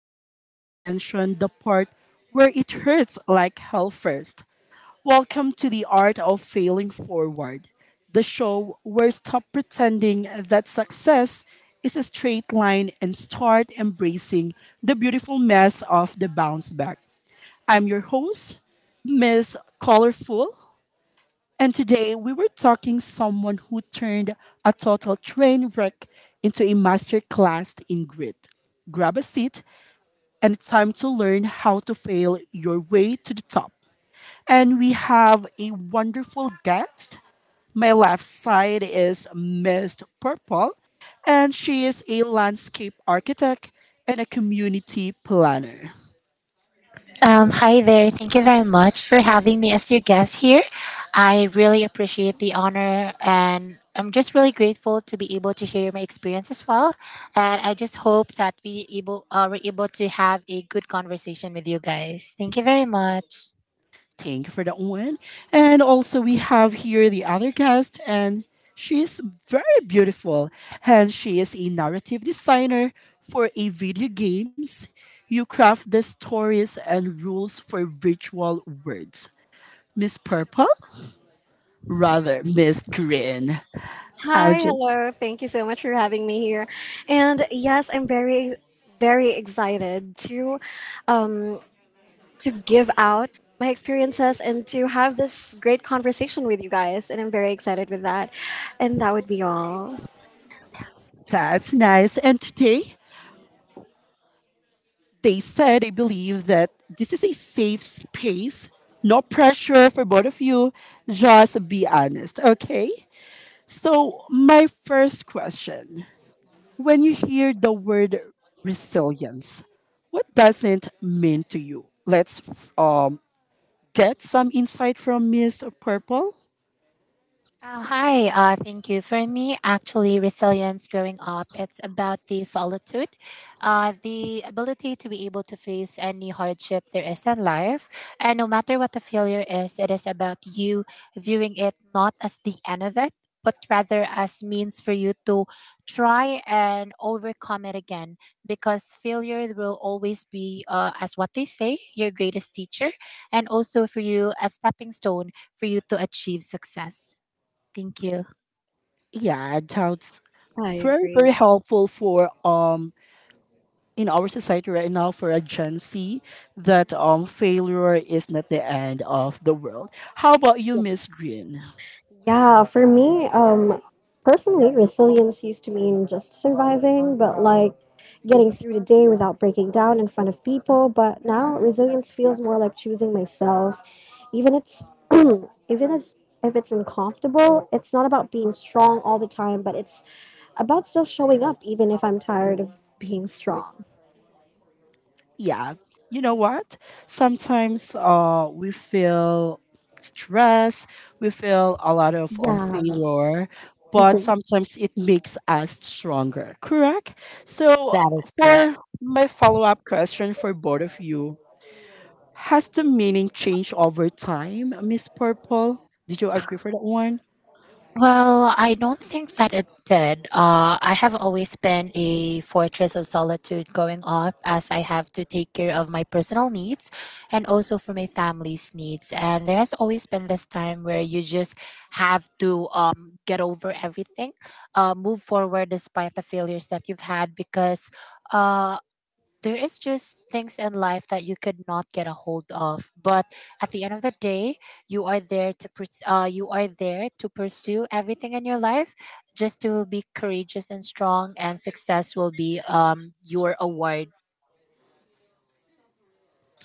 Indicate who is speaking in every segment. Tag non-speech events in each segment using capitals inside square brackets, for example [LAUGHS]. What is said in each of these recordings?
Speaker 1: forget to mention the part where it hurts like hell first. Welcome to the art of failing forward, the show where stop pretending that success is a straight line and start embracing the beautiful mess of the bounce back. I'm your host, Miss Colorful, and today we were talking someone who turned a total train wreck into a master class in grit. Grab a seat and it's time to learn how to fail your way to the top. And we have a wonderful guest. My left side is Miss Purple, and she is a landscape architect and a community planner. Thank you for that one. And also, we have here the other guest, and she's very beautiful. And she is a narrative designer for a video games. You craft the stories and rules for virtual words. Miss Purple? Rather, Miss Green. I'm
Speaker 2: Hi,
Speaker 1: just,
Speaker 2: hello. Thank you so much for having me here. And yes, I'm very excited um to give out my experiences and to have this great conversation with you guys, and I'm very excited with that. And that would be all.
Speaker 1: that's nice. And today, they said they believe that this is a safe space. No pressure for both of you. Just be honest, okay? So, my first question when you hear the word resilience, what does it mean to you? Get some insight from Miss Purple. Yeah, that's
Speaker 2: I
Speaker 1: very, very
Speaker 2: agree.
Speaker 1: helpful for in our society right now for a Gen Z that failure is not the end of the world. How about you, Miss Green?
Speaker 2: Yeah, for me, personally, resilience used to mean just surviving, but like getting through the day without breaking down in front of people. But now, resilience feels more like choosing myself, even it's [CLEARS THROAT] even if it's uncomfortable. It's not about being strong all the time, but it's about still showing up, even if I'm tired of being strong.
Speaker 1: Yeah. You know what? Sometimes we feel stress, we feel a lot of
Speaker 2: Yeah.
Speaker 1: failure, but sometimes it makes us stronger, correct? So, for my follow up question for both of you, has the meaning changed over time, Miss Purple? Did you agree for that one?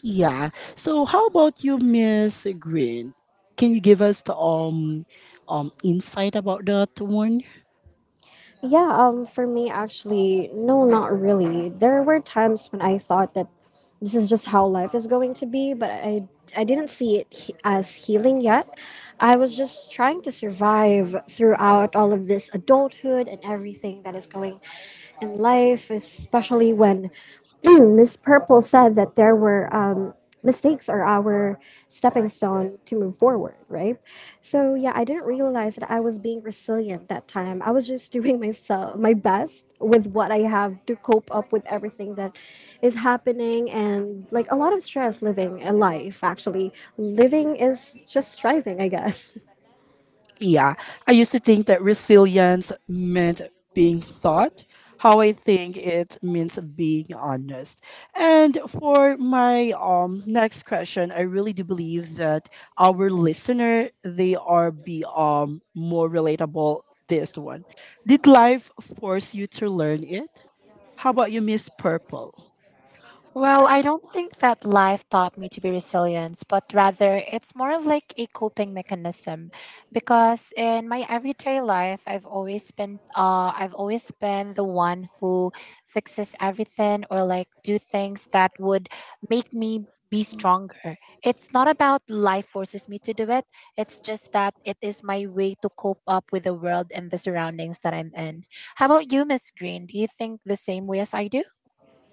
Speaker 1: Yeah. So, how about you, Miss Green? Can you give us the insight about that one?
Speaker 2: Yeah, for me, actually, no, not really. There were times when I thought that this is just how life is going to be, but I didn't see it as healing yet. I was just trying to survive throughout all of this adulthood and everything that is going in life, especially when [CLEARS THROAT] Miss Purple said that there were. Mistakes are our stepping stone to move forward, right? So yeah, I didn't realize that I was being resilient that time. I was just [LAUGHS] doing myself my best with what I have to cope up with everything that is happening, and like a lot of stress living a life actually. Living is just striving, I guess. [LAUGHS]
Speaker 1: Yeah, I used to think that resilience meant being thought. How I think it means being honest. And for my next question, I really do believe that our listener they are be more relatable. This one, did life force you to learn it? How about you, Miss Purple?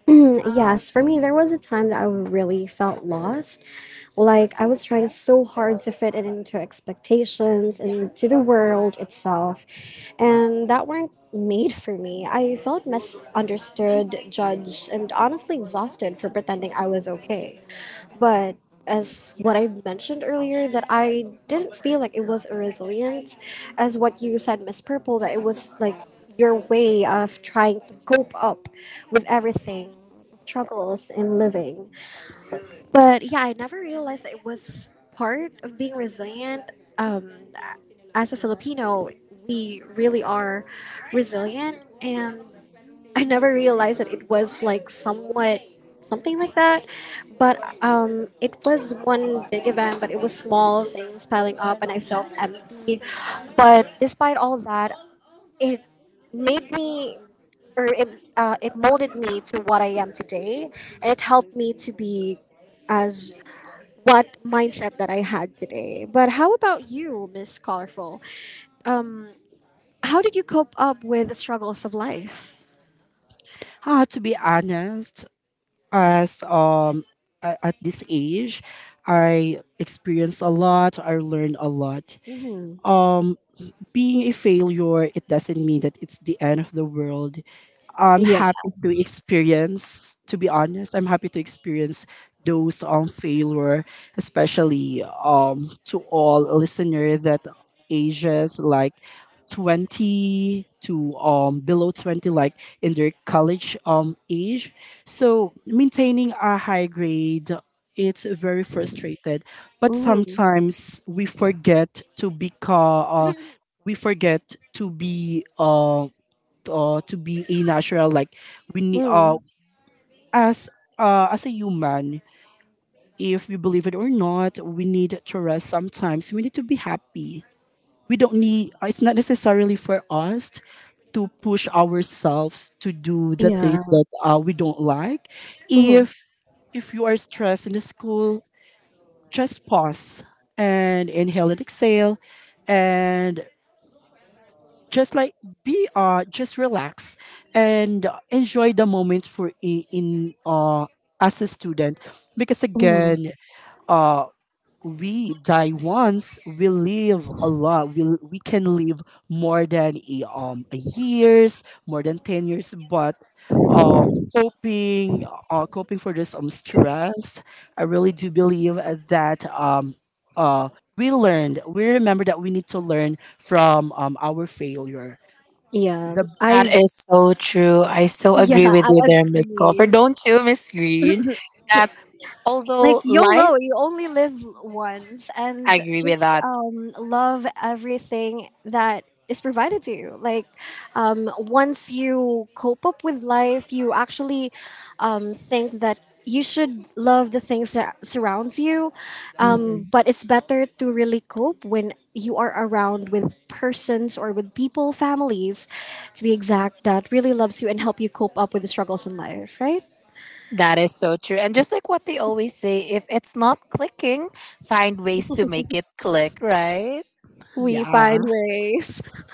Speaker 2: [CLEARS THROAT] Yes, for me, there was a time that I really felt lost. Like, I was trying so hard to fit it into expectations and to the world itself, and that weren't made for me. I felt misunderstood, judged, and honestly exhausted for pretending I was okay. But as what I mentioned earlier, that I didn't feel like it was a resilience, as what you said, Miss Purple, that it was like your way of trying to cope up with everything, struggles in living. But yeah, I never realized it was part of being resilient. Um, as a Filipino, we really are resilient, and I never realized that it was like somewhat something like that. But it was one big event, but it was small things piling up, and I felt empty. But despite all that, it made me or it molded me to what I am today, and it helped me to be as what mindset that I had today. But how about you, Miss Colorful? How did you cope up with the struggles of life?
Speaker 1: Ah, to be honest, as um at this age I experienced a lot I learned a lot
Speaker 2: hmm
Speaker 1: um being a failure it doesn't mean that it's the end of the world. I'm
Speaker 2: Yeah.
Speaker 1: happy to experience, to be honest, I'm happy to experience those failure, especially to all listener that ages like 20 to below 20 like in their college age. So maintaining a high grade it's very frustrated but
Speaker 2: hmm
Speaker 1: sometimes we forget to become we forget to be a natural like we need
Speaker 2: mm
Speaker 1: as as a human if we believe it or not we need to rest sometimes we need to be happy we don't need it's not necessarily for us to push ourselves to do the
Speaker 2: Yeah.
Speaker 1: things that we don't like.
Speaker 2: hmm
Speaker 1: if if you are stressed in the school just pause and inhale and exhale and just like be just relax and enjoy the moment for in as a student because
Speaker 2: hmm
Speaker 1: again uh we die once we live a lot we can live more than a years more than 10 years but uh coping coping for this stress I really do believe that uh we learned we remember that we need to learn from our failure
Speaker 2: Yeah.
Speaker 1: the
Speaker 2: I yeah, I agree. Like YOLO, you only live once, and just love everything that is provided to you. Like once you cope up with life, you actually think that you should love the things that surrounds you. But it's better to really cope when you are around with persons or with people, families, to be exact, that really loves you and help you cope up with the struggles in life. Right? We find
Speaker 1: yeah.
Speaker 2: ways. [LAUGHS]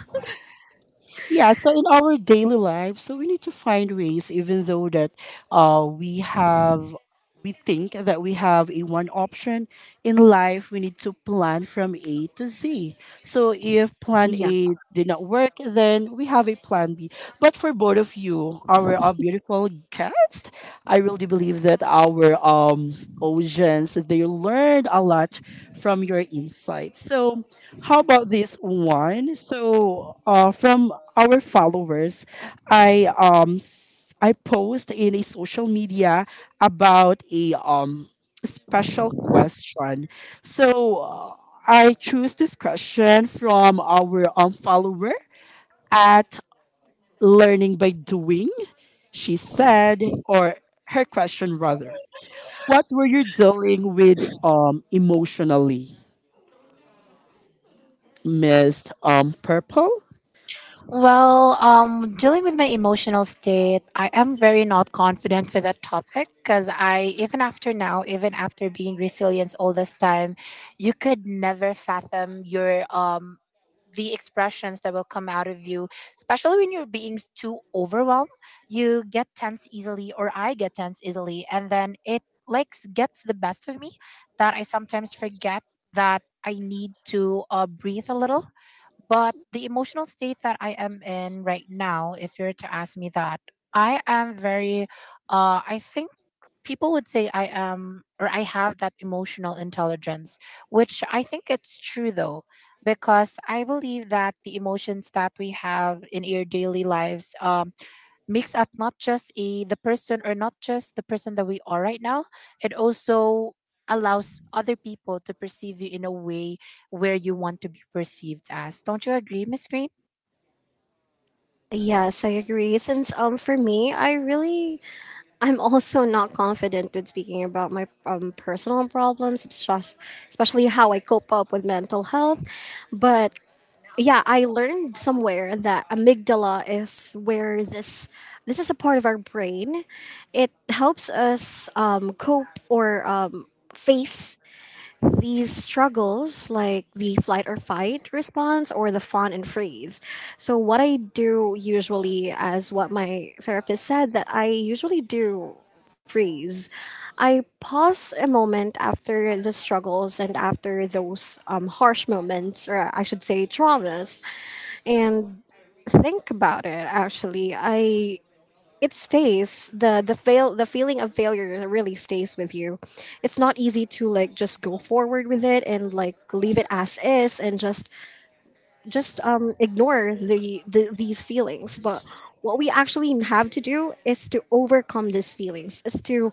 Speaker 1: Yeah, so in our daily life, so we need to find ways, even though that uh, we have, we think that we have a one option in life, we need to plan from A to Z. So if plan
Speaker 2: Yeah.
Speaker 1: A did not work, then we have a plan B. But for both of you, our, beautiful guest, I really believe that our audience, they learned a lot from your insights. So how about this one? So from our followers. I post in a social media about a special question. So uh, I choose this question from our follower at learning by doing. She said, or her question rather, what were you dealing with emotionally, Miss Purple?
Speaker 2: Yes, I agree. Since for me, I'm also not confident with speaking about my personal problems, especially how I cope up with mental health. But yeah, I learned somewhere that amygdala is where this is a part of our brain. It helps us cope or face these struggles like the flight or fight response or the fawn and freeze. So what I do usually, as what my therapist said that I usually do, freeze. I pause a moment after the struggles and after those harsh moments, or I should say traumas, and think about it. Actually, I it stays. The feeling of failure really stays with you. It's not easy to like just go forward with it and like leave it as is and just ignore the these feelings. But what we actually have to do is to overcome these feelings, is to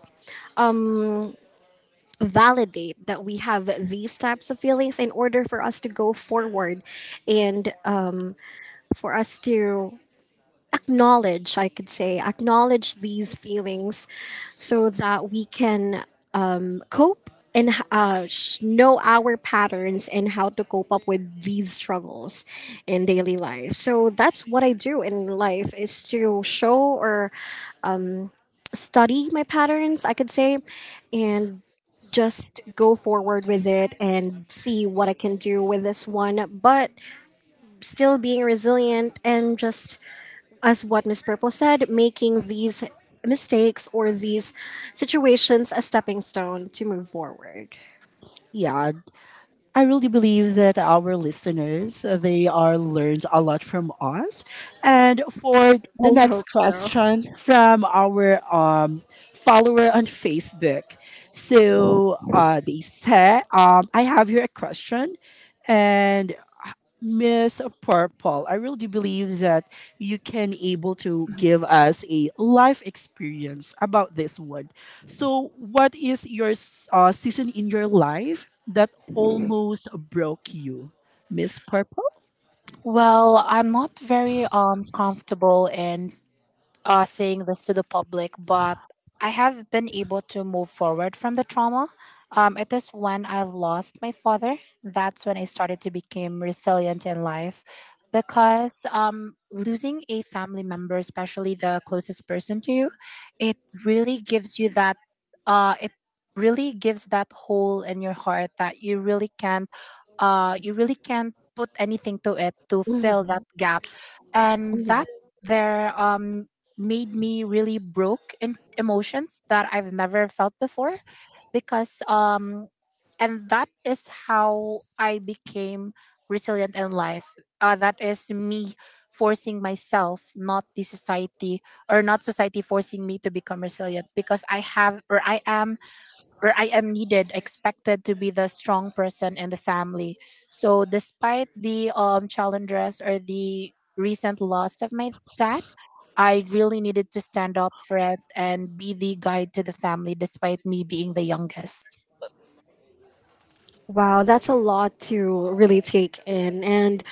Speaker 2: validate that we have these types of feelings in order for us to go forward, and for us to acknowledge, I could say acknowledge these feelings, so that we can cope, and know our patterns and how to cope up with these struggles in daily life. So that's what I do in life, is to show or study my patterns, I could say, and just go forward with it and see what I can do with this one, but still being resilient and just, as what Miss Purple said, making these mistakes or these situations a stepping stone to move forward.
Speaker 1: Yeah, I really believe that our listeners they are learned a lot from us. And for the
Speaker 2: I hope
Speaker 1: next
Speaker 2: so. [LAUGHS]
Speaker 1: questions from our follower on Facebook, so they said, I have here a question, and Miss Purple, I really do believe that you can able to give us a life experience about this one. So, what is your season in your life that almost broke you, Miss Purple?
Speaker 2: Mhm. Wow, that's a lot to really take in. And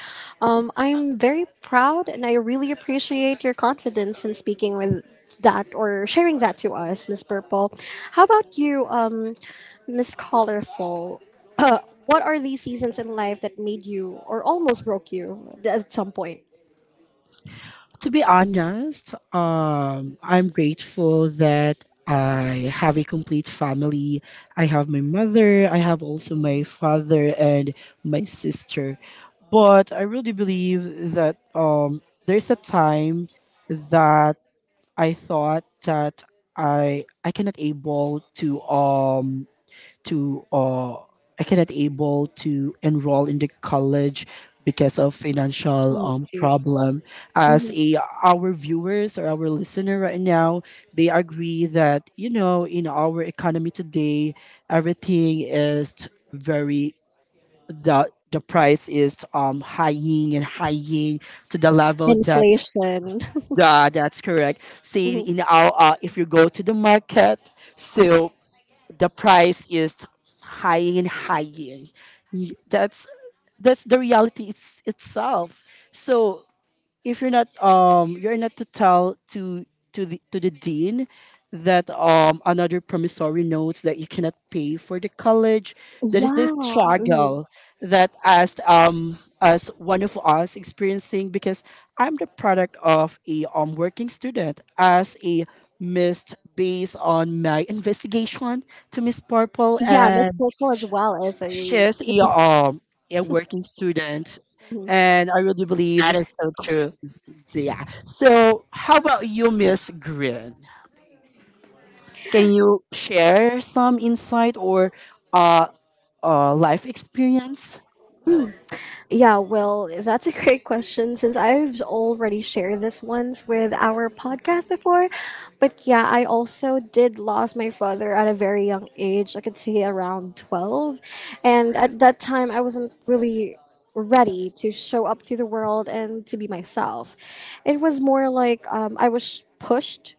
Speaker 2: I'm very proud and I really appreciate your confidence in speaking with that or sharing that to us, Miss Purple. How about you, Miss Colorful? [CLEARS THROAT] Uh, what are these seasons in life that made you or almost broke you at some point?
Speaker 1: To be honest, I'm grateful that I have a complete family. I have my mother, I have also my father and my sister. But I really believe that there's a time that I thought that I cannot able um to or I cannot able to enroll in the college because of financial
Speaker 2: I see.
Speaker 1: problem. As
Speaker 2: Mhm.
Speaker 1: a our viewers or our listener right now, they agree that you know in our economy today, everything is very the price is high-ing and high-ing to the level that.
Speaker 2: Inflation. [LAUGHS]
Speaker 1: Yeah, that's correct. See,
Speaker 2: Mhm.
Speaker 1: in our if you go to the market, so the price is high and high. Y- That's that's the reality it's, itself. So if you're not you're not to tell to to the dean that another promissory notes that you cannot pay for the college there is
Speaker 2: Yeah.
Speaker 1: this
Speaker 2: Mhm.
Speaker 1: struggle that as one of us experiencing because I'm the product of a working student as a missed based on my investigation to miss purple
Speaker 2: Yeah, Miss
Speaker 1: and
Speaker 2: Purple as well as a.
Speaker 1: she's a
Speaker 2: Mm-hmm.
Speaker 1: working student and I really believe so yeah. So how about you, Miss Green? Can you share some insight or uh, life experience?
Speaker 2: Yeah, well, that's a great question since I've already shared this once with our podcast before. But yeah, I also did lost my father at a very young age. I could say around 12. And at that time, I wasn't really ready to show up to the world and to be myself. It was more like I was pushed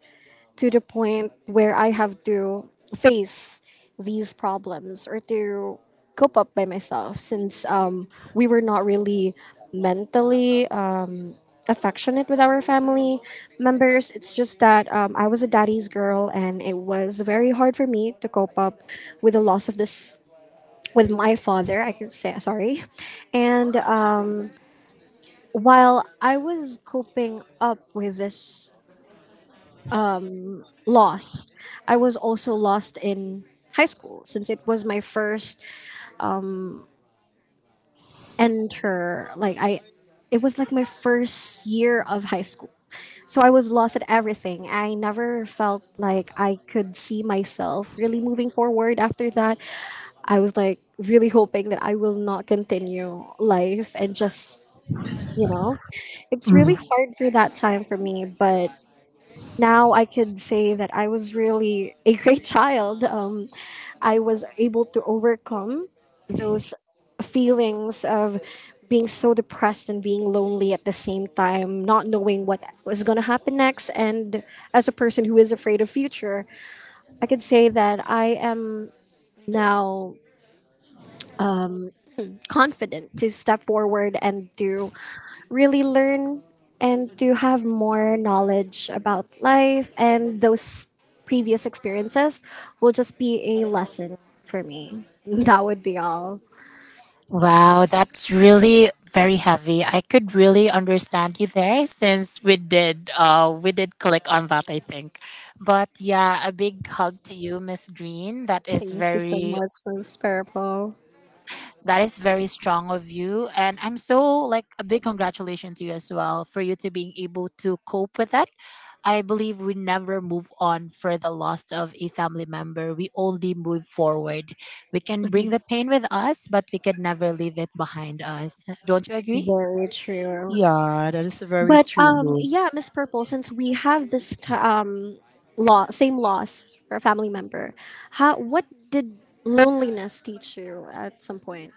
Speaker 2: to the point where I have to face these problems or to cope up by myself, since we were not really mentally affectionate with our family members. It's just that I was a daddy's girl, and it was very hard for me to cope up with the loss of this. With my father, I can say sorry. And while I was coping up with this lost, I was also lost in high school since it was my first enter like I it was like my first year of high school. So I was lost at everything. I never felt like I could see myself really moving forward after that. I was like really hoping that I will not continue life, and just, you know, it's really hard for that time for me, but now I could say that I was really a great [LAUGHS] child. I was able to overcome those feelings of being so depressed and being lonely at the same time, not knowing what was going to happen next. And as a person who is afraid of future, I could say that I am now confident to step forward and to really learn and to have more knowledge about life, and those previous experiences will just be a lesson for me. [LAUGHS] That would be all. Thank you so much, Miss Purple. Very true.
Speaker 1: Yeah, that is very
Speaker 2: But
Speaker 1: true.
Speaker 2: yeah, Miss Purple, since we have this same loss for a family member, how what did loneliness teach you at some point?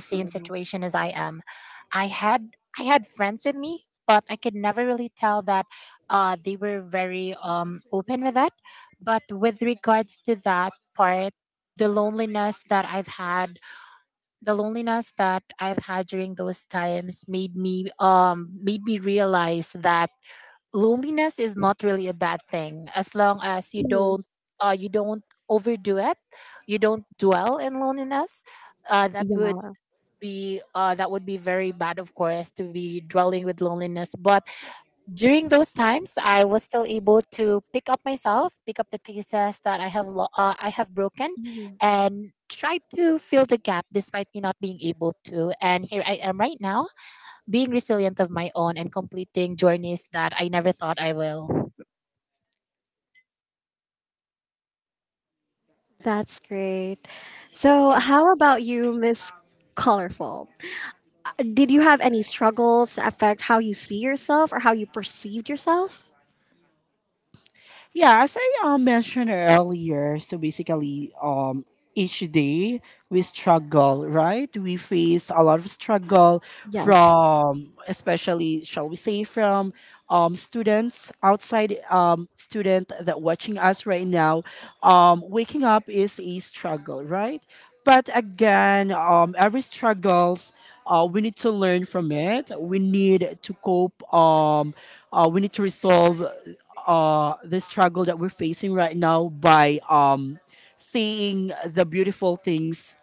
Speaker 2: So, yeah. Mhm. That's great. So,
Speaker 1: Yeah.
Speaker 2: how about you, Miss Colorful? Did you have any struggles that affect how you see yourself or how you perceived yourself?
Speaker 1: Yeah, as I mentioned earlier, so basically, each day we struggle, right? We face a lot of struggle
Speaker 2: Yes.
Speaker 1: from, especially, shall we say, from students outside, student that watching us right now. Waking up is a struggle, right? But again, every struggles, we need to learn from it. We need to cope. We need to resolve the struggle that we're facing right now by seeing the beautiful things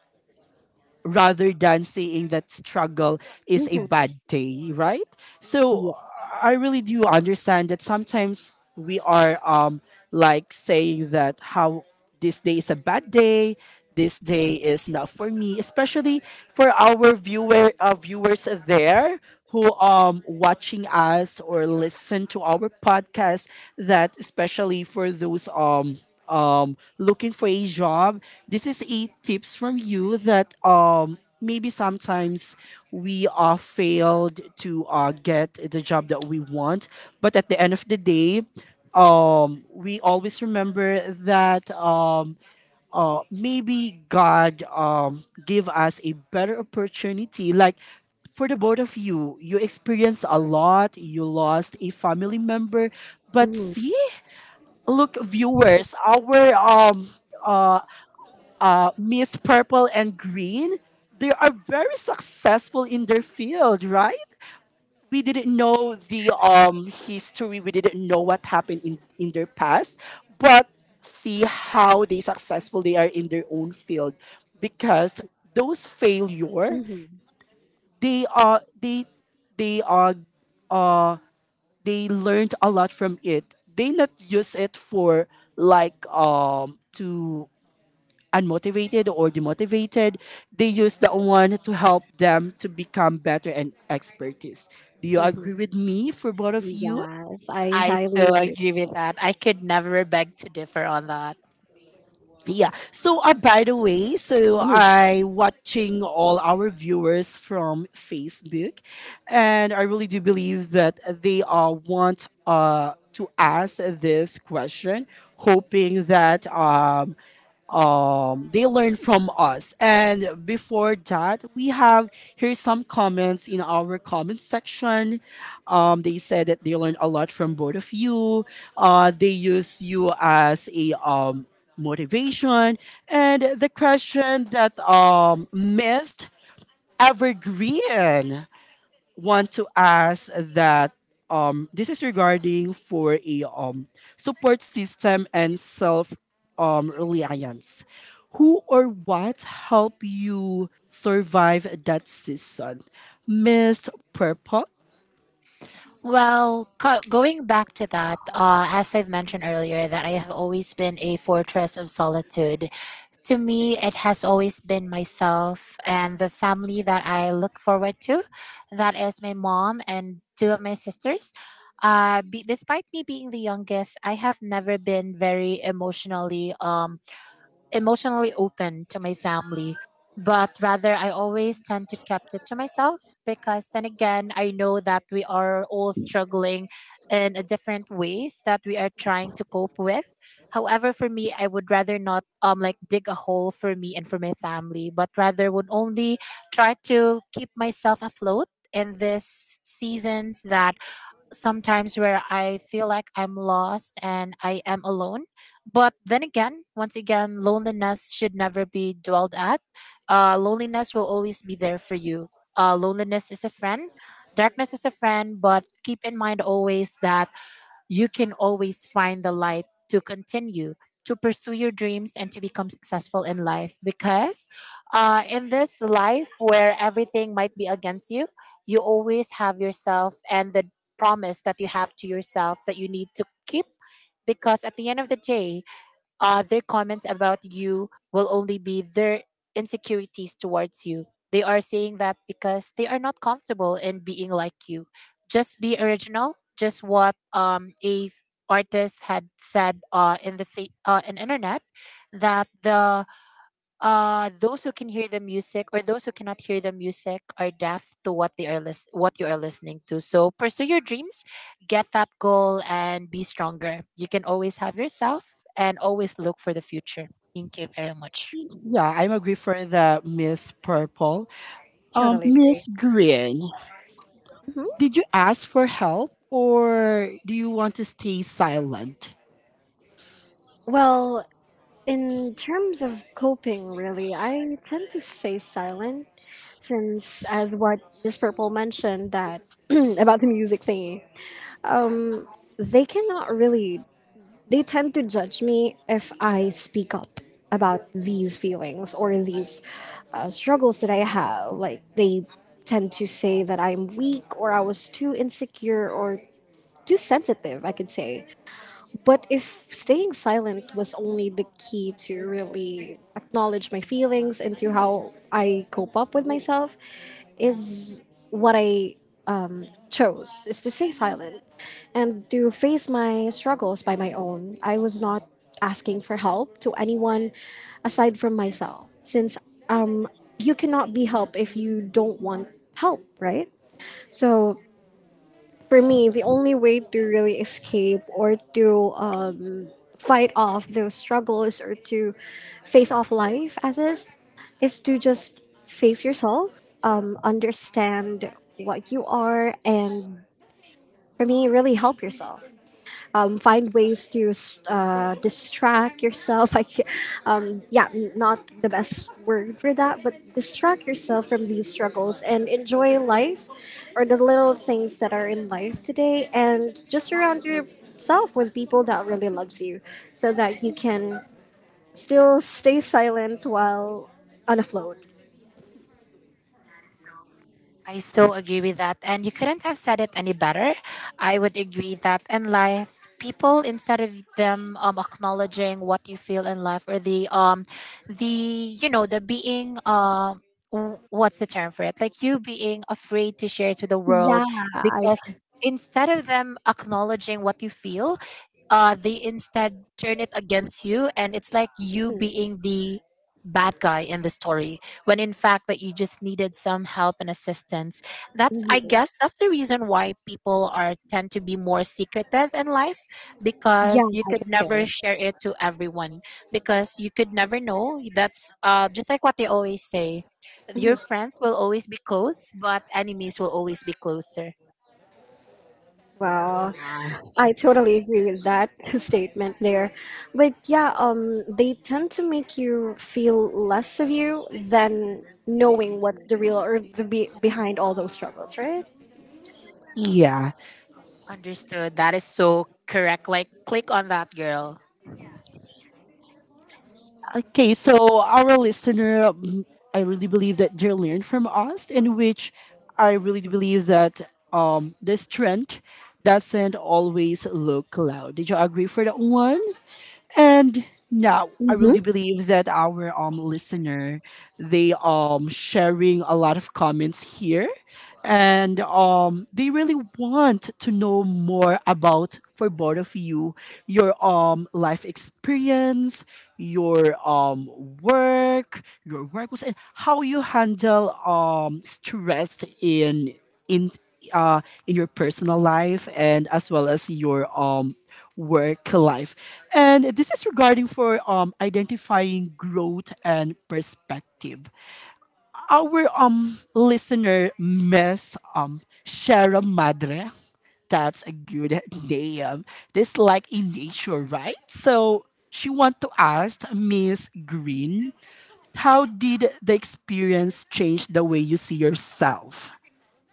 Speaker 1: rather than saying that struggle is a
Speaker 2: hmm
Speaker 1: bad day, right? So
Speaker 2: Yeah.
Speaker 1: I really do understand that sometimes we are like saying that how this day is a bad day, this day is not for me, especially for our viewers there who watching us or listen to our podcast that especially for those looking for a job, this is eight tips from you that maybe sometimes we are failed to get the job that we want. But at the end of the day, we always remember that maybe God give us a better opportunity. Like for the both of you, you experienced a lot. You lost a family member, but
Speaker 2: hmm
Speaker 1: see look viewers our Miss Purple and Green they are very successful in their field right we didn't know the history we didn't know what happened in their past but see how they successful they are in their own field because those failure
Speaker 2: hmm
Speaker 1: they are they they are uh, they learned a lot from it they not use it for to unmotivated or demotivated, they use that one to help them to become better and expertise. Do you
Speaker 2: hmm
Speaker 1: agree with me for both of you?
Speaker 2: Yes, I highly agree.
Speaker 1: Yeah. So, by the way, so
Speaker 2: Mhm.
Speaker 1: I watching all our viewers from Facebook, and I really do believe that they want to ask this question, hoping that they learn from us. And before that, we have here's some comments in our comment section. They said that they learned a lot from both of you. They use you as a motivation. And the question that missed evergreen want to ask that this is regarding for a support system and self reliance. Who or what help you survive that season? Miss Purple. Yeah, I'm agree for the Miss Purple.
Speaker 2: Totally agree.
Speaker 1: Miss Green, did you ask for help or do you want to stay silent?
Speaker 2: Well, in terms of coping, really, I tend to stay silent since, as what Miss Purple mentioned, that [CLEARS THROAT] about the music thingy. Um, they cannot really. They tend to judge me if I speak up about these feelings or these struggles that I have. Like they tend to say that I'm weak, or I was too insecure or too sensitive, I could say. But if staying silent was only the key to really acknowledge my feelings and to how I cope up with myself, is what I chose, is to stay silent and to face my struggles by my own. I was not asking for help to anyone aside from myself, since um, you cannot be helped if you don't want help, right? So for me, the only way to really escape or to fight off those struggles or to face off life as is to just face yourself, understand what you are, and for me, really help yourself. Find ways to distract yourself. [LAUGHS] Like, yeah, not the best word for that, but distract yourself from these struggles and enjoy life or the little things that are in life today. And just surround yourself with people that really loves you, so that you can still stay silent while on a float. Yeah, I, can. Mhm. Yeah, I could say. Mhm. Wow. I totally agree with that [LAUGHS] statement there. But yeah, they tend to make you feel less of you than knowing what's the real or the behind all those struggles, right?
Speaker 1: Yeah. Okay, so our listener, I really believe that they learn from us, in which I really believe that this trend doesn't always look loud. Did you agree for that one? And now I
Speaker 2: Mhm.
Speaker 1: really believe that our listener, they sharing a lot of comments here, and they really want to know more about for both of you, your life experience, your work, your work was, and how you handle stress in uh in your personal life and as well as your work life. And this is regarding for identifying growth and perspective. Our listener, Miss Shara Madre, that's a good name, this like in nature, right? So she want to ask Miss Green, how did the experience change the way you see yourself?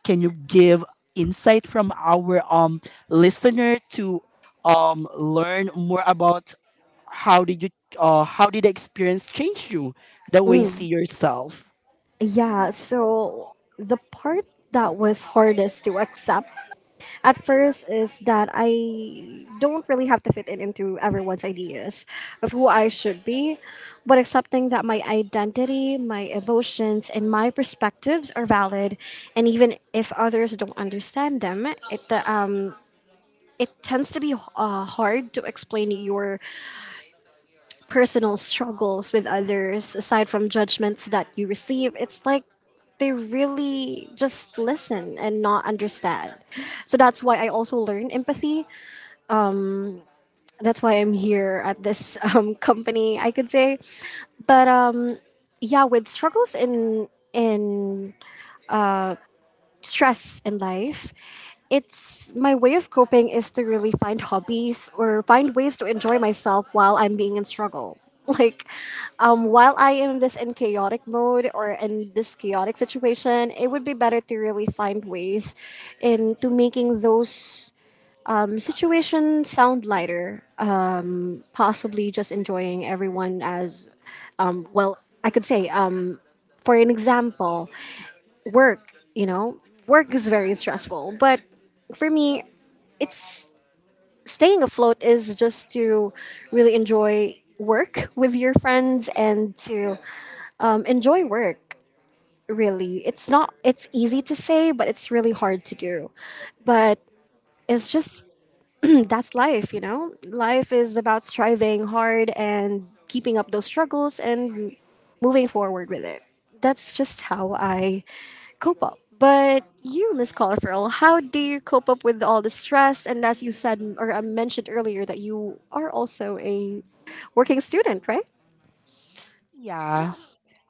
Speaker 1: Can you give insight from our listener to learn more about how did you how did the experience change you, the way you see yourself?
Speaker 2: Yeah, so the part that was hardest to accept at first is that I don't really have to fit in into everyone's ideas of who I should be, but accepting that my identity, my emotions, and my perspectives are valid, and even if others don't understand them, it tends to be hard to explain your personal struggles with others aside from judgments that you receive. It's like they really just listen and not understand. So that's why I also learn empathy. That's why I'm here at this [LAUGHS] company, I could say. But yeah, with struggles in stress in life, it's my way of coping is to really find hobbies or find ways to enjoy myself while I'm being in struggle. [LAUGHS] Like, while I am this in chaotic mode or in this chaotic situation, it would be better to really find ways into making those situations sound lighter, possibly just enjoying everyone as well, I could say, for an example, work. You know, work is very stressful, but for me, it's staying afloat is just to really enjoy work with your friends and to enjoy work. Really, it's not, it's easy to say but it's really hard to do. But it's just that's life, you know? Life is about striving hard and keeping up those struggles and moving forward with it. That's just how I cope up. But you, Miss Colorful, how do you cope up with all the stress? And as you said or I mentioned earlier, that you are also a working student, right?
Speaker 1: Yeah,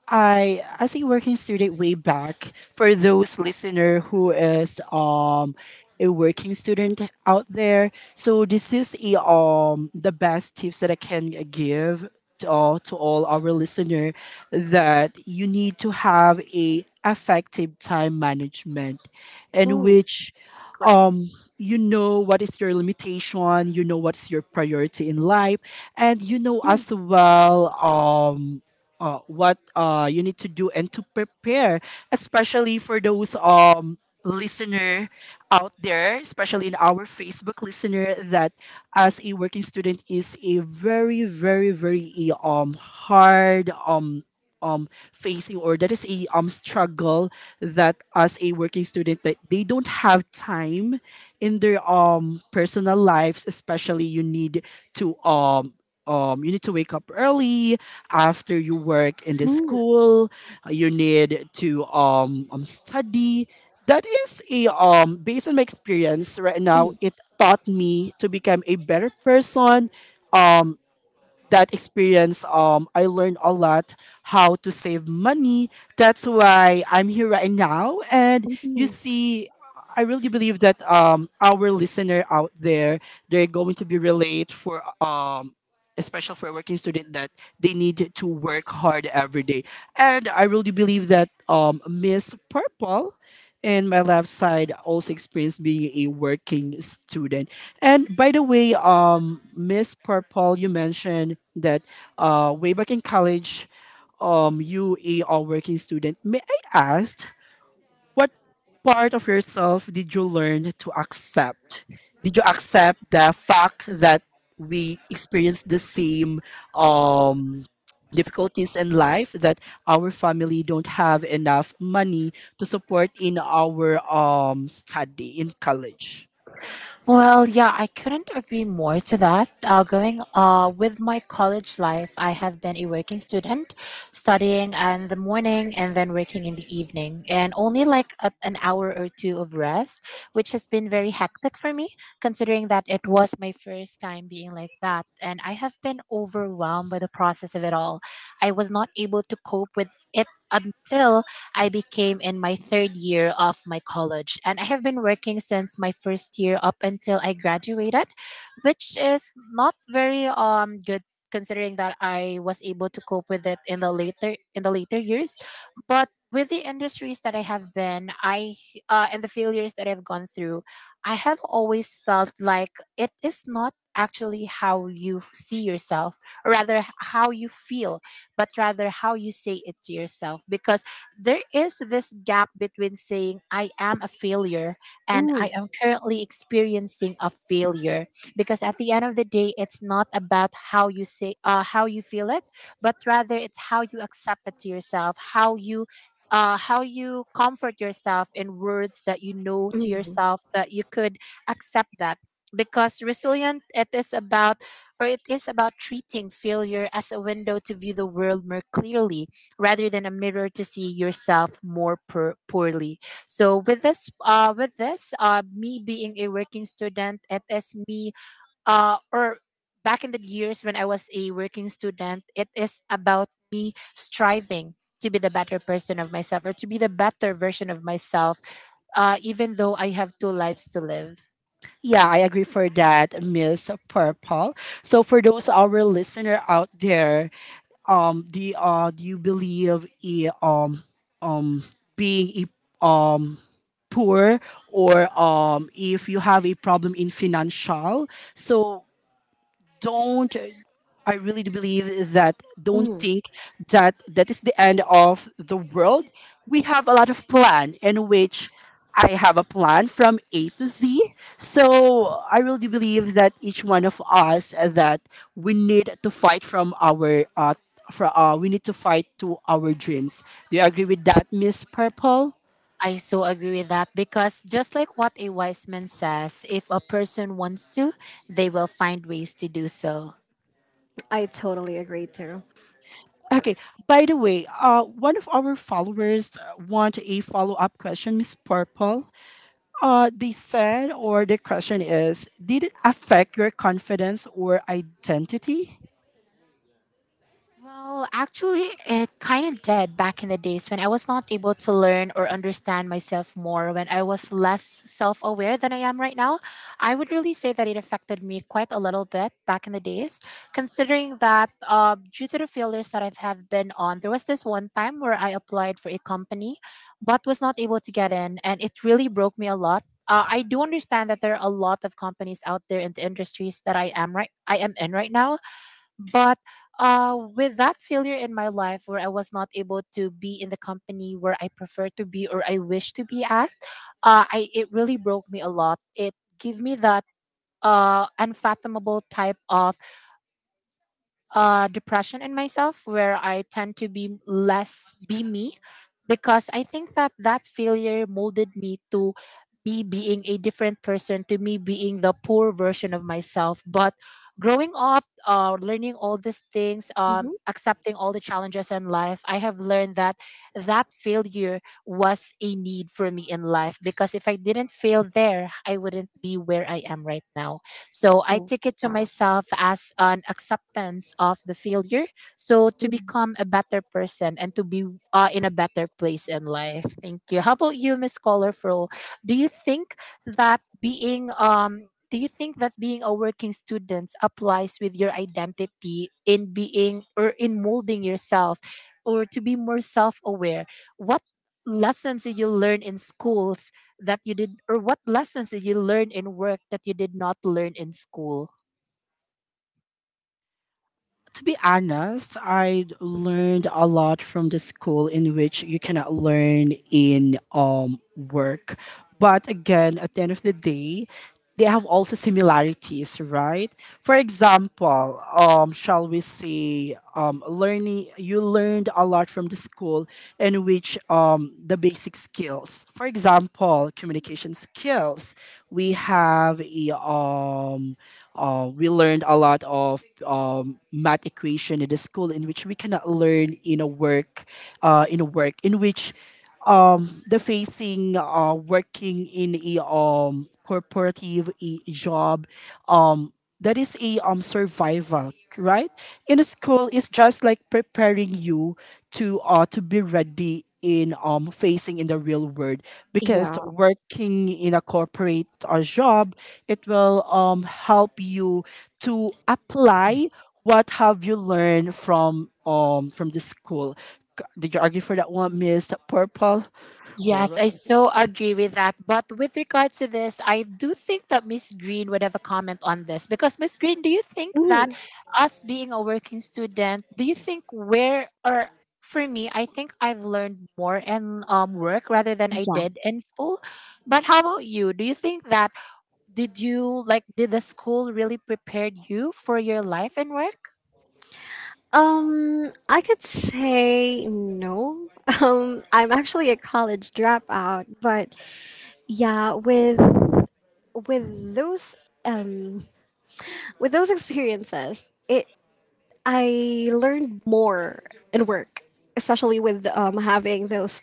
Speaker 1: I as a working student way back, for those listener who is a working student out there. So this is a, the best tips that I can give to all our listener, that you need to have a effective time management, in
Speaker 2: Mm,
Speaker 1: which
Speaker 2: great.
Speaker 1: um you know what is your limitation, you know what's your priority in life, and you know as well, what you need to do and to prepare, especially for those listener out there, especially in our Facebook listener, that as a working student is a very very very hard, facing, or that is a struggle, that as a working student that they don't have time in their personal lives. Especially, to um you need to wake up early, after you work, in the
Speaker 2: Mm,
Speaker 1: school you need to study. That is a based on my experience right now,
Speaker 2: mm,
Speaker 1: it taught me to become a better person. um that experience, I learned a lot how to save money. That's why I'm here right now. And you
Speaker 2: mm,
Speaker 1: see, I really believe that, our listener out there, they're going to be relate for, especially for a working student, that they need to work hard every day. And I really believe that, Miss Purple and my left side also experienced being a working student. And by the way, Miss Purple, you mentioned that, way back in college, you a working student. May I ask, what part of yourself did you learn to accept? Did you accept the fact that we experience the same, um, difficulties in life, that our family don't have enough money to support in our, study in college?
Speaker 2: mm, mm,
Speaker 1: Yeah, I agree for that, Miss Purple. So for those our listener out there, the do you believe in um being a poor or if you have a problem in financial? So don't I really do believe that, don't
Speaker 2: mm.
Speaker 1: think that that is the end of the world. We have a lot of plan, in which I have a plan from A to Z. So I really do believe that each one of us, that we need to fight from our, we need to fight to our dreams. Do you agree with that, Miss Purple?
Speaker 2: I totally agree too.
Speaker 1: Okay. By the way, one of our followers, want a follow up question, Miss Purple. They said, or the question is, did it affect your confidence or identity?
Speaker 2: Mm-hmm.
Speaker 1: To be honest, I learned a lot from the school, in which you cannot learn in work. But again, at the end of the day, they have also similarities, right? For example, shall we say, learning, you learned a lot from the school, in which the basic skills, for example, communication skills, we have a, we learned a lot of math equation in the school, in which we cannot learn in a work, in which the facing, working in a corporative a job, um that is a survival, right? In a school, it's just like preparing you to be ready in facing in the real world, because
Speaker 2: Yeah.
Speaker 1: working in a corporate, job, it will help you to apply what have you learned from the school. Did you argue for that one, Miss Purple? Horror?
Speaker 2: Mm. I could say no. [LAUGHS] I'm actually a college dropout, but yeah, with those um with those experiences, it I learned more in work, especially with having those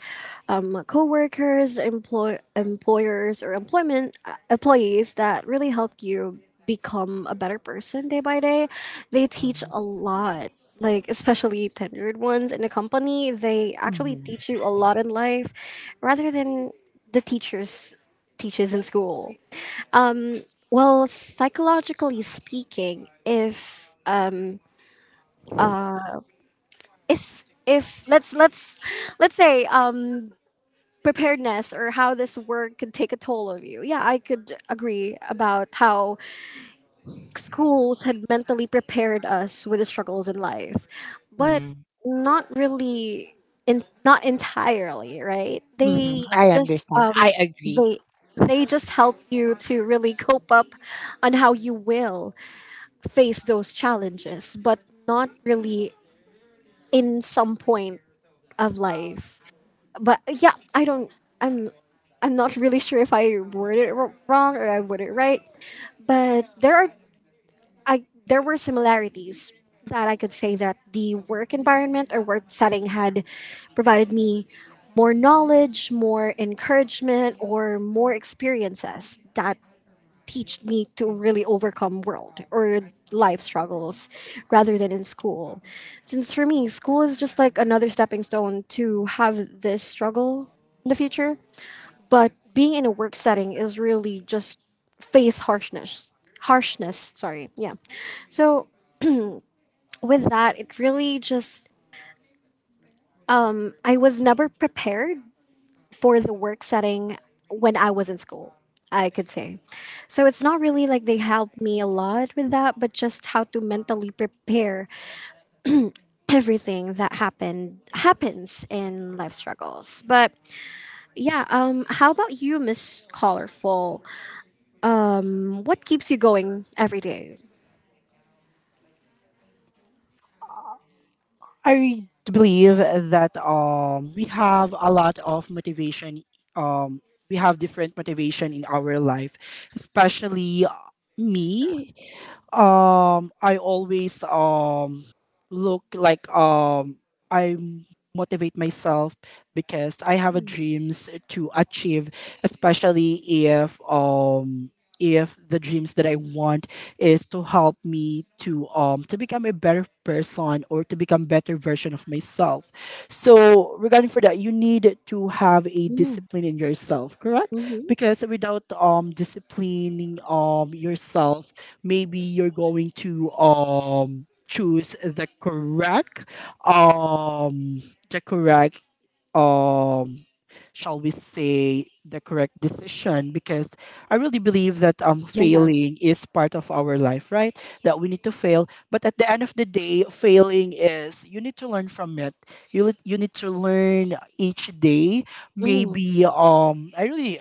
Speaker 2: coworkers, employers, or employment employees that really help you become a better person day by day. They teach a lot. Like especially tenured ones in the company, they actually teach you a lot in life, rather than the teachers teaches in school. Well, psychologically speaking, if let's let's say preparedness or how this work could take a toll of you. Yeah, I could agree about how schools had mentally prepared us with the struggles in life, but not really, in not entirely, right? They just um they they just help you to really cope up on how you will face those challenges, but not really in some point of life. But yeah, I don't. I'm I'm not really sure if I worded it wrong or I worded it right. But there were similarities that I could say that the work environment or work setting had provided me more knowledge, more encouragement, or more experiences that teach me to really overcome world or life struggles rather than in school. Since for me, school is just like another stepping stone to have this struggle in the future. But being in a work setting is really just face harshness. Harshness, sorry. Yeah. So with that, it really just, I was never prepared for the work setting when I was in school, I could say. So it's not really like they helped me a lot with that, but just how to mentally prepare everything that happened happens in life struggles. But yeah, how about you, Miss Colorful? What keeps you going every day?
Speaker 1: I believe that, we have a lot of motivation. Um, we have different motivation in our life, especially,
Speaker 2: Yes, girl.
Speaker 1: me. I always look like I motivate myself, because I have a dreams to achieve, especially if the dreams that I want is to help me to become a better person or to become better version of myself. So regarding for that, you need to have a
Speaker 2: Mm,
Speaker 1: discipline in yourself, correct?
Speaker 2: mhm.
Speaker 1: Because without disciplining yourself, maybe you're going to choose um the correct um shall we say the correct decision, because I really believe that failing
Speaker 2: Yes.
Speaker 1: is part of our life, right? That we need to fail, but at the end of the day, failing is you need to learn from it. You need to learn each day.
Speaker 2: Mm,
Speaker 1: Maybe I really,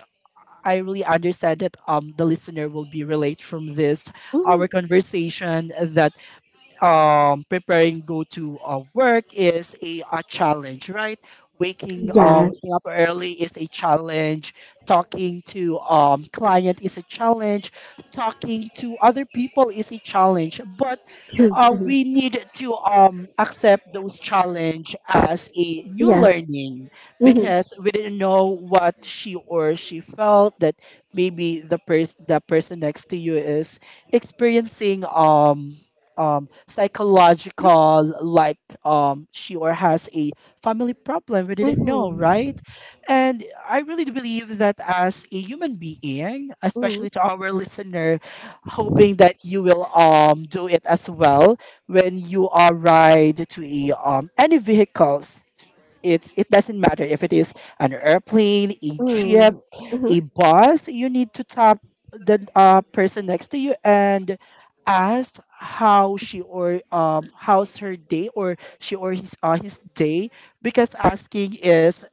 Speaker 1: I really understand that the listener will be relate from this our
Speaker 2: mhm.
Speaker 1: conversation, that preparing go to, work is a challenge, right? Waking up
Speaker 2: Yes. [LAUGHS]
Speaker 1: early is a challenge, talking to client is a challenge, talking to other people is a challenge, but
Speaker 2: Yes. Too. Mhm.
Speaker 1: we need to accept those challenge as a new
Speaker 2: Yes.
Speaker 1: learning,
Speaker 2: Yes. Mhm.
Speaker 1: because we didn't know what she or she felt, that maybe the person next to you is experiencing psychological, like she or has a family problem, we didn't know,
Speaker 2: Mhm.
Speaker 1: right? And I really do believe that as a human being,
Speaker 2: Mm,
Speaker 1: especially to our listeners, hoping that you will do it as well when you are ride to a, any vehicles. It's it doesn't matter if it is an airplane, a jeep,
Speaker 2: mm,
Speaker 1: a
Speaker 2: mhm.
Speaker 1: bus. You need to tap the, person next to you and ask how she or how's her day, or she or his, his day, because asking is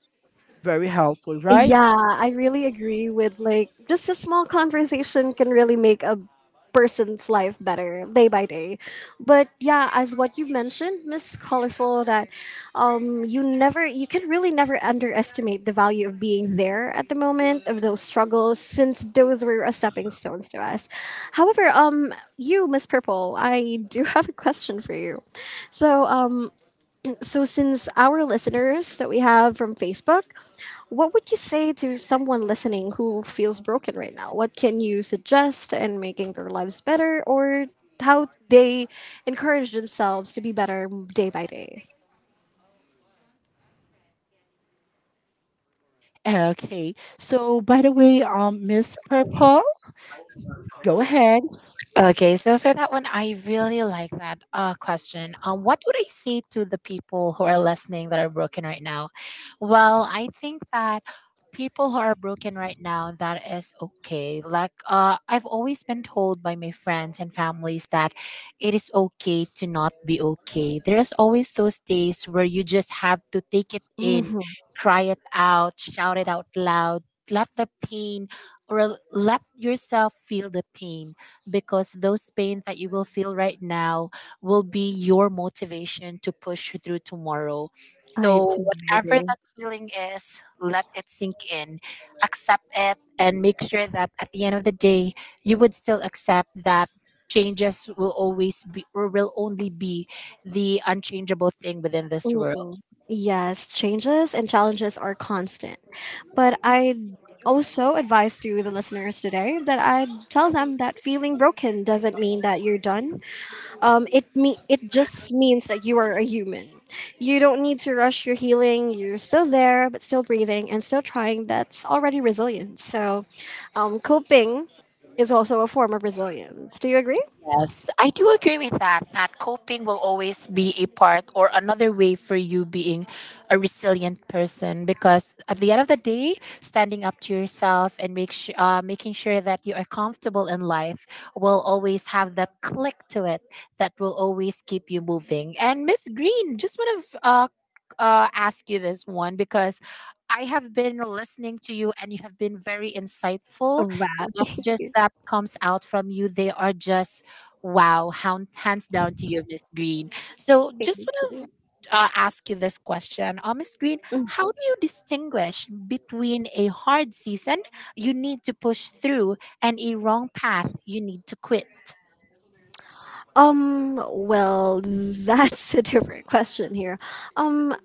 Speaker 1: very helpful, right?
Speaker 2: Yeah, I really agree with, like, just a small conversation can really make a person's life better day by day. But yeah, as what you mentioned, Miss Colorful, that you never you can really never underestimate the value of being there at the moment of those struggles, since those were a stepping stones to us. However, you, Miss Purple, I do [LAUGHS] have a question for you. So um so, since our listeners that we have from Facebook, what would you say to someone listening who feels broken right now? What can you suggest in making their lives better or how they encourage themselves to be better day by day?
Speaker 1: Okay. So by the way, Miss Purple,
Speaker 3: 走。
Speaker 1: go
Speaker 3: 位
Speaker 1: ahead.
Speaker 3: Okay, so for that one, I really like that question. What would I say to the people who are listening that are broken right now? Well, I think that people who are broken right now, that is okay. Like I've always been told by my friends and families that it is okay to not be okay. There's always those days where you just have to take it in,
Speaker 2: Hmm.
Speaker 3: cry it out, shout it out loud, let the pain or let yourself feel the pain because those pain that you will feel right now will be your motivation to push through tomorrow.
Speaker 2: I
Speaker 3: So
Speaker 2: totally
Speaker 3: whatever
Speaker 2: agree.
Speaker 3: that feeling is, let it sink in, accept it and make sure that at the end of the day you would still accept that changes will always be or will only be the unchangeable thing within this world.
Speaker 2: Mm. Yes, changes and challenges are constant. But I
Speaker 1: Yeah,
Speaker 2: also advise to the listeners today that I tell them that feeling broken doesn't mean that you're done. It just means that you are a human. You don't need to rush your healing. You're still there, but still breathing and still trying. That's already resilience. So, coping is also a form of resilience. Do you agree?
Speaker 3: Yes, I do agree with that. That coping will always be a part or another way for you being a resilient person because at the end of the day, standing up to yourself and make su making sure that you are comfortable in life will always have that click to it that will always keep you moving. And Miss Green, just want to ask you this one because I have been listening to you and you have been very insightful.
Speaker 2: Wow,
Speaker 3: The
Speaker 2: [LAUGHS] thank
Speaker 3: messages
Speaker 2: you,
Speaker 3: that comes out from you, they are just wow, hound, hands down to you, Miss Green. So, just
Speaker 2: thank
Speaker 3: want
Speaker 2: you.
Speaker 3: to ask you this question, Miss Green. How do you distinguish between a hard season you need to push through and a wrong path you need to quit?
Speaker 2: Well, that's a different question here. Um,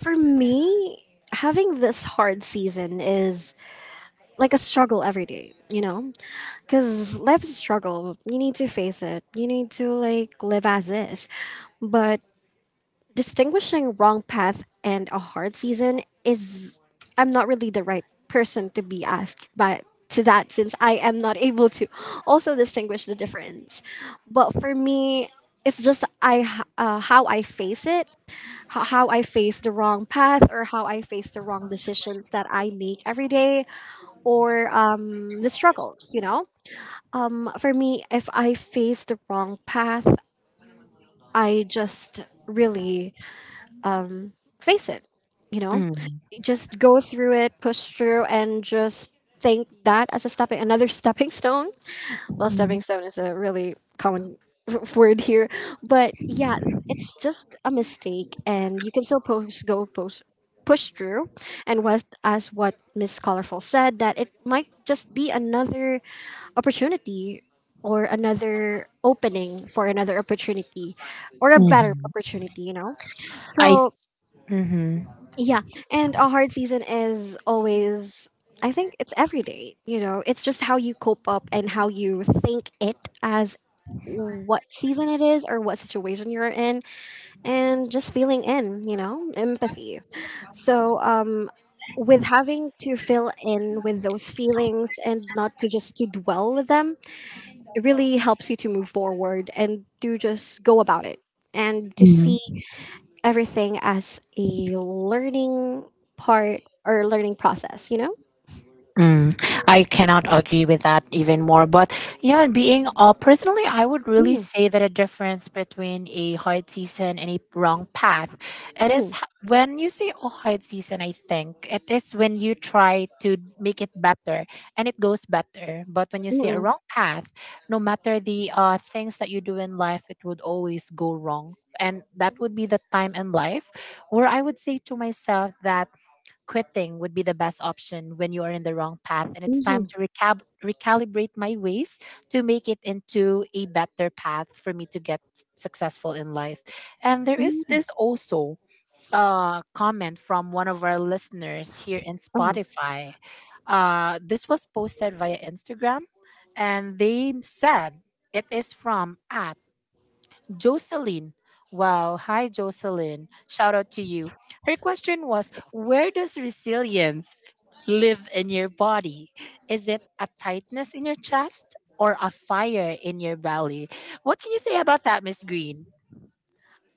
Speaker 2: for me, having this hard season is like a struggle every day, you know? Because life's a struggle. You need to face it. You need to like live as is. But distinguishing wrong path and a hard season is I'm not really the right person to be asked by to that, since I am not [LAUGHS] able to also distinguish the difference. But for me, it's just how I face it, how I face the wrong path or how I face the wrong decisions that I make every day or the struggles, you know? For me, if I face the wrong path, I just really face it, you know?
Speaker 3: Mm.
Speaker 2: Just go through it, push through, and just think that as another [LAUGHS] stepping stone. Well,
Speaker 3: Mhm.
Speaker 2: stepping stone is a really common [LAUGHS] word here. But yeah, it's just a mistake, and you can still push, go push, push through. And as what Miss Colorful said, that it might just be another opportunity or another opening for another opportunity or a better opportunity, you know?
Speaker 3: I.
Speaker 2: So
Speaker 3: s-
Speaker 2: yeah, and a hard season is always, I think, it's every day, you know. It's just how you cope up and how you think it as what season it is or what situation you're in, and just feeling in, empathy. So, with having to fill in with those feelings and not to just to dwell with them, it really helps you to move forward and to just go about it and to see
Speaker 3: Mhm.
Speaker 2: everything as a learning part or learning process, you know?
Speaker 3: Mm, I cannot agree with that even more. But yeah, being personally, I would really
Speaker 2: Mm,
Speaker 3: say that a difference between a hard season and a wrong path, it is
Speaker 2: mm,
Speaker 3: h- when you say oh hard season. I think it is when you try to make it better and it goes better. But when you say a
Speaker 2: mm,
Speaker 3: wrong path, no matter the things that you do in life, it would always go wrong. And that would be the time in life where I would say to myself that quitting would be the best option when you are in the wrong path and it's time
Speaker 2: mhm,
Speaker 3: to recalibrate my ways to make it into a better path for me to get successful in life and there is
Speaker 2: mm,
Speaker 3: this also comment from one of our listeners here in
Speaker 2: uh-huh.
Speaker 3: Spotify, this was posted via Instagram and they said it is from at Jocelyn. Wow, hi Jocelyn, shout out to you. Her question was, where does resilience live in your body? Is it a tightness in your chest or a fire in your belly? What can you say about that, Miss Green?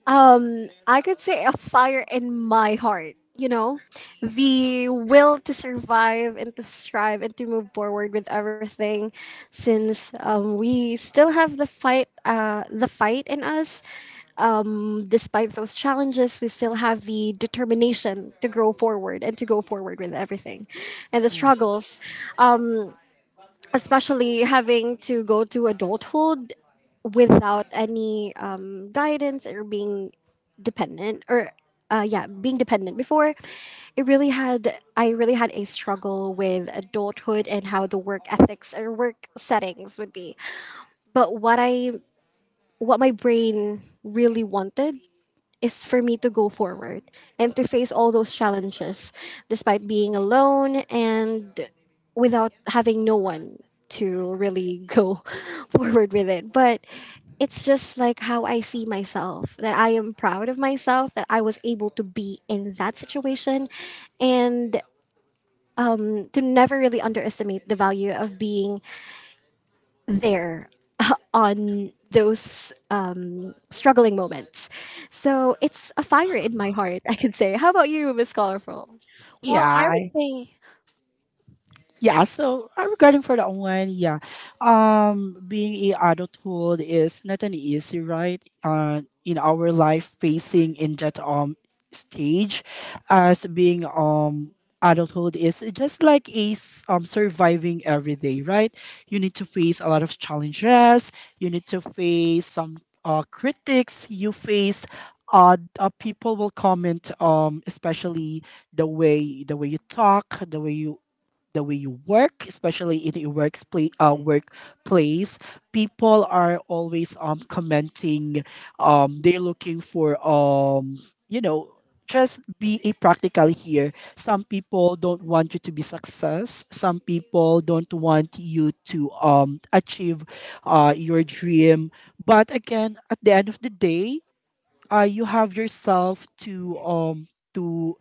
Speaker 2: I could say a fire in my heart, you know? The will to survive and to strive and to move forward with everything, since we still have the fight in us, despite those challenges. We still have the determination to grow forward and to go forward with everything. And the
Speaker 3: Mm.
Speaker 2: struggles, um, especially having to go to adulthood without any guidance or being dependent or yeah, being dependent before, it really had I really had a struggle with adulthood and how the work ethics or work settings would be. But what my brain really wanted is for me to go forward and to face all those challenges, despite being alone and without having no one to really go [LAUGHS] forward with it. But it's just like how I see myself that I am proud of myself that I was able to be in that situation and to never really underestimate the value of being there [LAUGHS] on those struggling moments. So it's a fire in my heart, I can say. How about you, Miss Colorful?
Speaker 3: Well, I would
Speaker 1: I
Speaker 3: say
Speaker 1: yeah, so regarding for the online, yeah, being a adulthood is not an easy, right? In our life, facing in that stage, as being adulthood is just like a surviving every day, right? You need to face a lot of challenges, you need to face some critics, you face people will comment, especially the way you talk, the way you, the way you work, especially in a workplace, people are always commenting, they're looking for you know, just be a practical here. Some people don't want you to be success. Some people don't want you to achieve your dream. But again, at the end of the day, you have yourself to to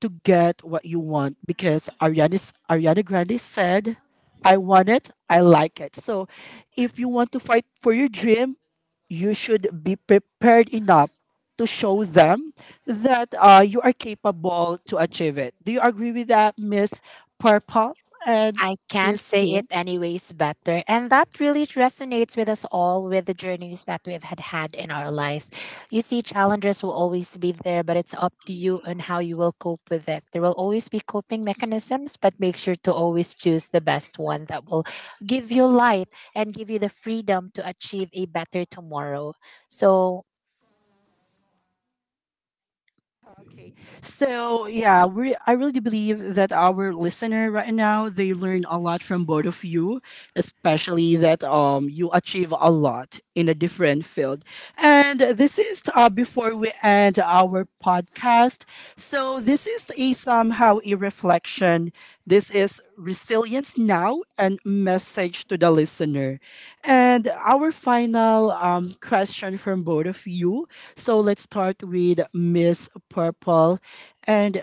Speaker 1: to get what you want, because Ariana Grande said, I want it, I like it. So if you want to fight for your dream, you should be prepared enough to show them that, you are capable to achieve it. Do you agree with that, Miss Purple and
Speaker 3: I can't
Speaker 1: Miss
Speaker 3: say
Speaker 1: T?
Speaker 3: it anyways better. And that really resonates with us all with the journeys that we've had in our life. You see, challenges will always be there, but it's up to you and how you will cope with it. There will always be coping mechanisms, but make sure to always choose the best one that will give you light and give you the freedom to achieve a better tomorrow. So
Speaker 1: Okay. So, yeah, we, I really believe that our listener right now, they learn a lot from both of you, especially that you achieve a lot in a different field. And this is, before we end our podcast. So, this is a somehow a reflection. This is resilience now and message to the listener. And our final question from both of you, so let's start with Miss Purple. And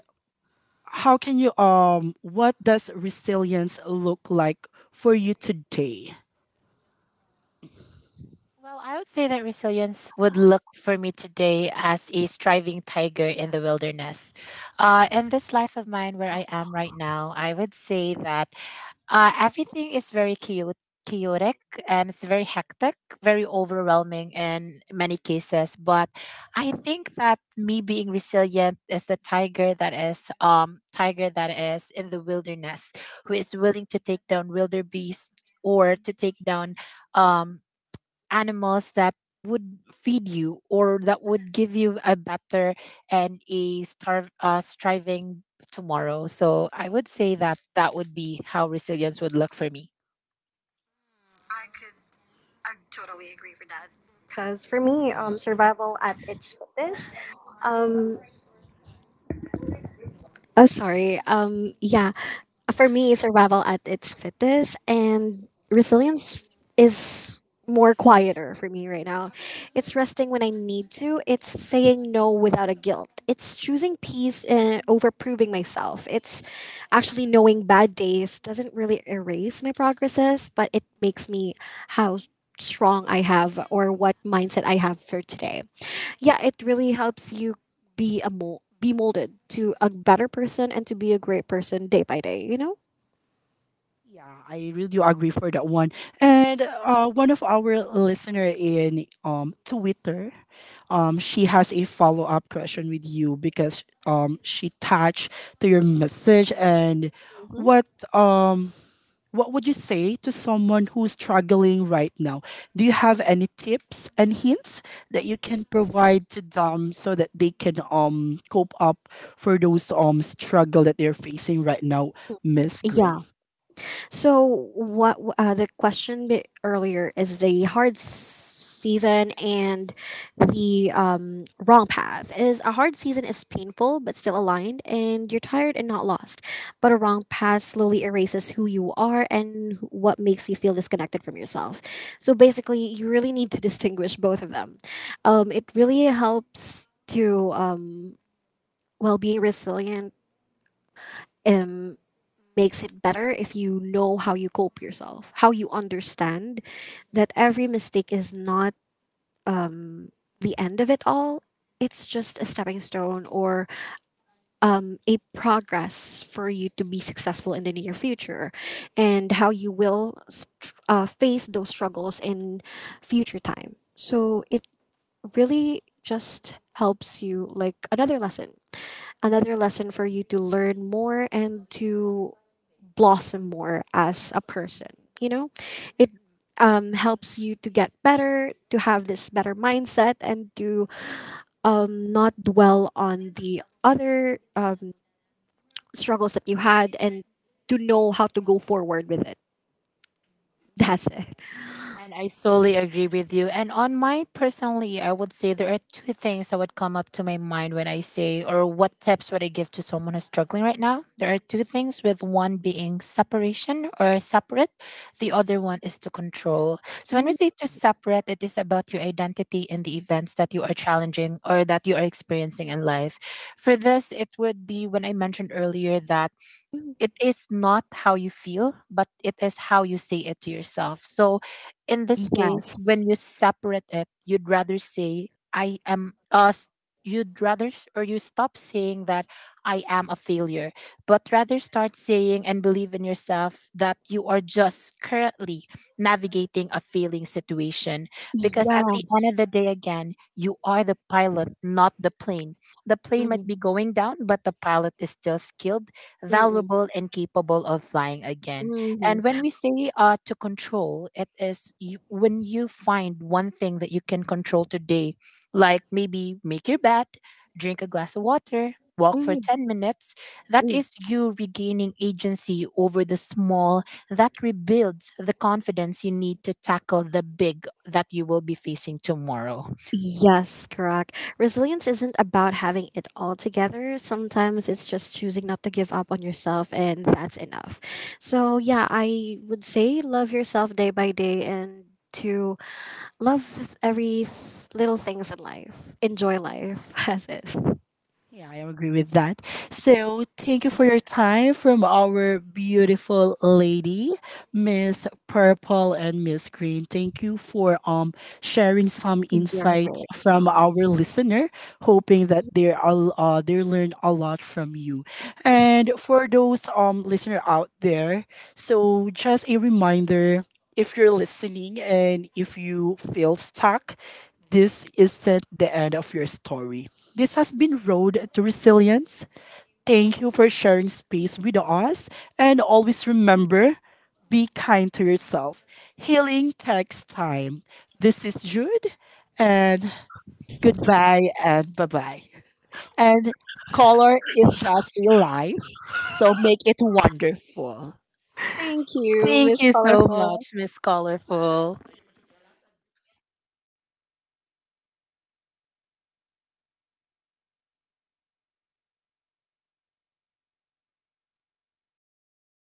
Speaker 1: how can you, what does resilience look like for you today?
Speaker 3: well, I would say that resilience would look for me today as a striving tiger in the wilderness. In this life of mine where I am right now, I would say that everything is very chaotic and it's very hectic, very overwhelming in many cases. But I think that me being resilient is the tiger that is in the wilderness who is willing to take down wilder beasts or to take down um animals that would feed you or that would give you a better and a striving tomorrow. So I would say that that would be how resilience would look for me.
Speaker 2: I could, I totally agree with that. Because for me, survival at its fittest. Oh, sorry. Yeah, for me, survival at its fittest and resilience is more quieter for me right now. It's resting when I need to. It's saying no without a guilt. It's choosing peace and over proving myself. It's actually knowing bad days doesn't really erase my progresses, but it makes me how strong I have or what mindset I have for today. Yeah, it really helps you be a mold, be molded to a better person and to be a great person day by day. You know?
Speaker 1: Yeah, I really do agree for that one. And one of our listener in Twitter, she has a follow up question with you, because she touched to your message, and
Speaker 2: Hmm.
Speaker 1: what um what would you say to someone who's struggling right now? Do you have any tips and hints that you can provide to them so that they can cope up for those struggle that they're facing right now, Miss Green?
Speaker 2: Yeah. So, what the question bit earlier is the hard season and the wrong path. Is a hard season is painful but still aligned, and you're tired and not lost. But a wrong path slowly erases who you are and what makes you feel disconnected from yourself. So basically, you really need to distinguish both of them. It really helps to well, being resilient. Um, makes it better if you know how you cope yourself, how you understand that every mistake is not the end of it all. It's just a stepping stone or a progress for you to be successful in the near future, and how you will face those struggles in future time. So it really just helps you like another lesson for you to learn more and to blossom more as a person, you know? It helps you to get better, to have this better mindset, and to not dwell on the other struggles that you had, and to know how to go forward with it. That's it.
Speaker 3: And I solely agree with you. And on my personally, I would say there are two things that would come up to my mind when I say, or what tips would I give to someone who's struggling right now? There are two things, with one being separation or separate, the other one is to control. So when we
Speaker 2: Mm,
Speaker 3: say to separate, it is about your identity and the events that you are challenging or that you are experiencing in life. For this, it would be when I mentioned earlier that
Speaker 2: mm.
Speaker 3: it is not how you feel, but it is how you say it to yourself. So in this case,
Speaker 2: Yes,
Speaker 3: when you separate it, you'd rather say, I am us. You'd rather, or you stop saying that I am a failure, but rather start saying and believe in yourself that you are just currently navigating a failing situation. Because at the end of the
Speaker 2: yes.
Speaker 3: day, again, you are the pilot, not the plane. The plane might
Speaker 2: Mm-hmm.
Speaker 3: be going down, but the pilot is still skilled,
Speaker 2: Mm-hmm.
Speaker 3: valuable and capable of flying again. And
Speaker 2: Mm-hmm.
Speaker 3: when we say to control, it is you, when you find one thing that you can control today, like maybe make your bed, drink a glass of water, walk for
Speaker 2: Mm-hmm.
Speaker 3: 10 minutes. That is you regaining agency over the small. That rebuilds the confidence you need to tackle the big that you will be facing tomorrow.
Speaker 2: Yes, correct. Resilience isn't about having it all together. Sometimes it's just choosing not to give up on yourself, and that's enough. So, yeah, I would say love yourself day by day and to love every little things in life. Enjoy life [LAUGHS] as is.
Speaker 1: Yeah, I agree with that. So, thank you for your time from our beautiful lady, Miss Purple and Miss Green. Thank you for sharing some
Speaker 2: You're
Speaker 1: insights
Speaker 2: very
Speaker 1: from
Speaker 2: welcome.
Speaker 1: our listener, hoping that they are, they learn a lot from you. And for those listener out there, so just a reminder, if you're listening and if you feel stuck, this isn't the end of your story. This has been Road to Resilience. Thank you for sharing space with us. And always remember, be kind to yourself. Healing takes time. This is Jude, and goodbye and bye bye. And color is just a life, so make it wonderful.
Speaker 2: Thank you,
Speaker 3: Thank
Speaker 2: Miss
Speaker 3: you so
Speaker 2: Colorful.
Speaker 3: much, Miss Colorful.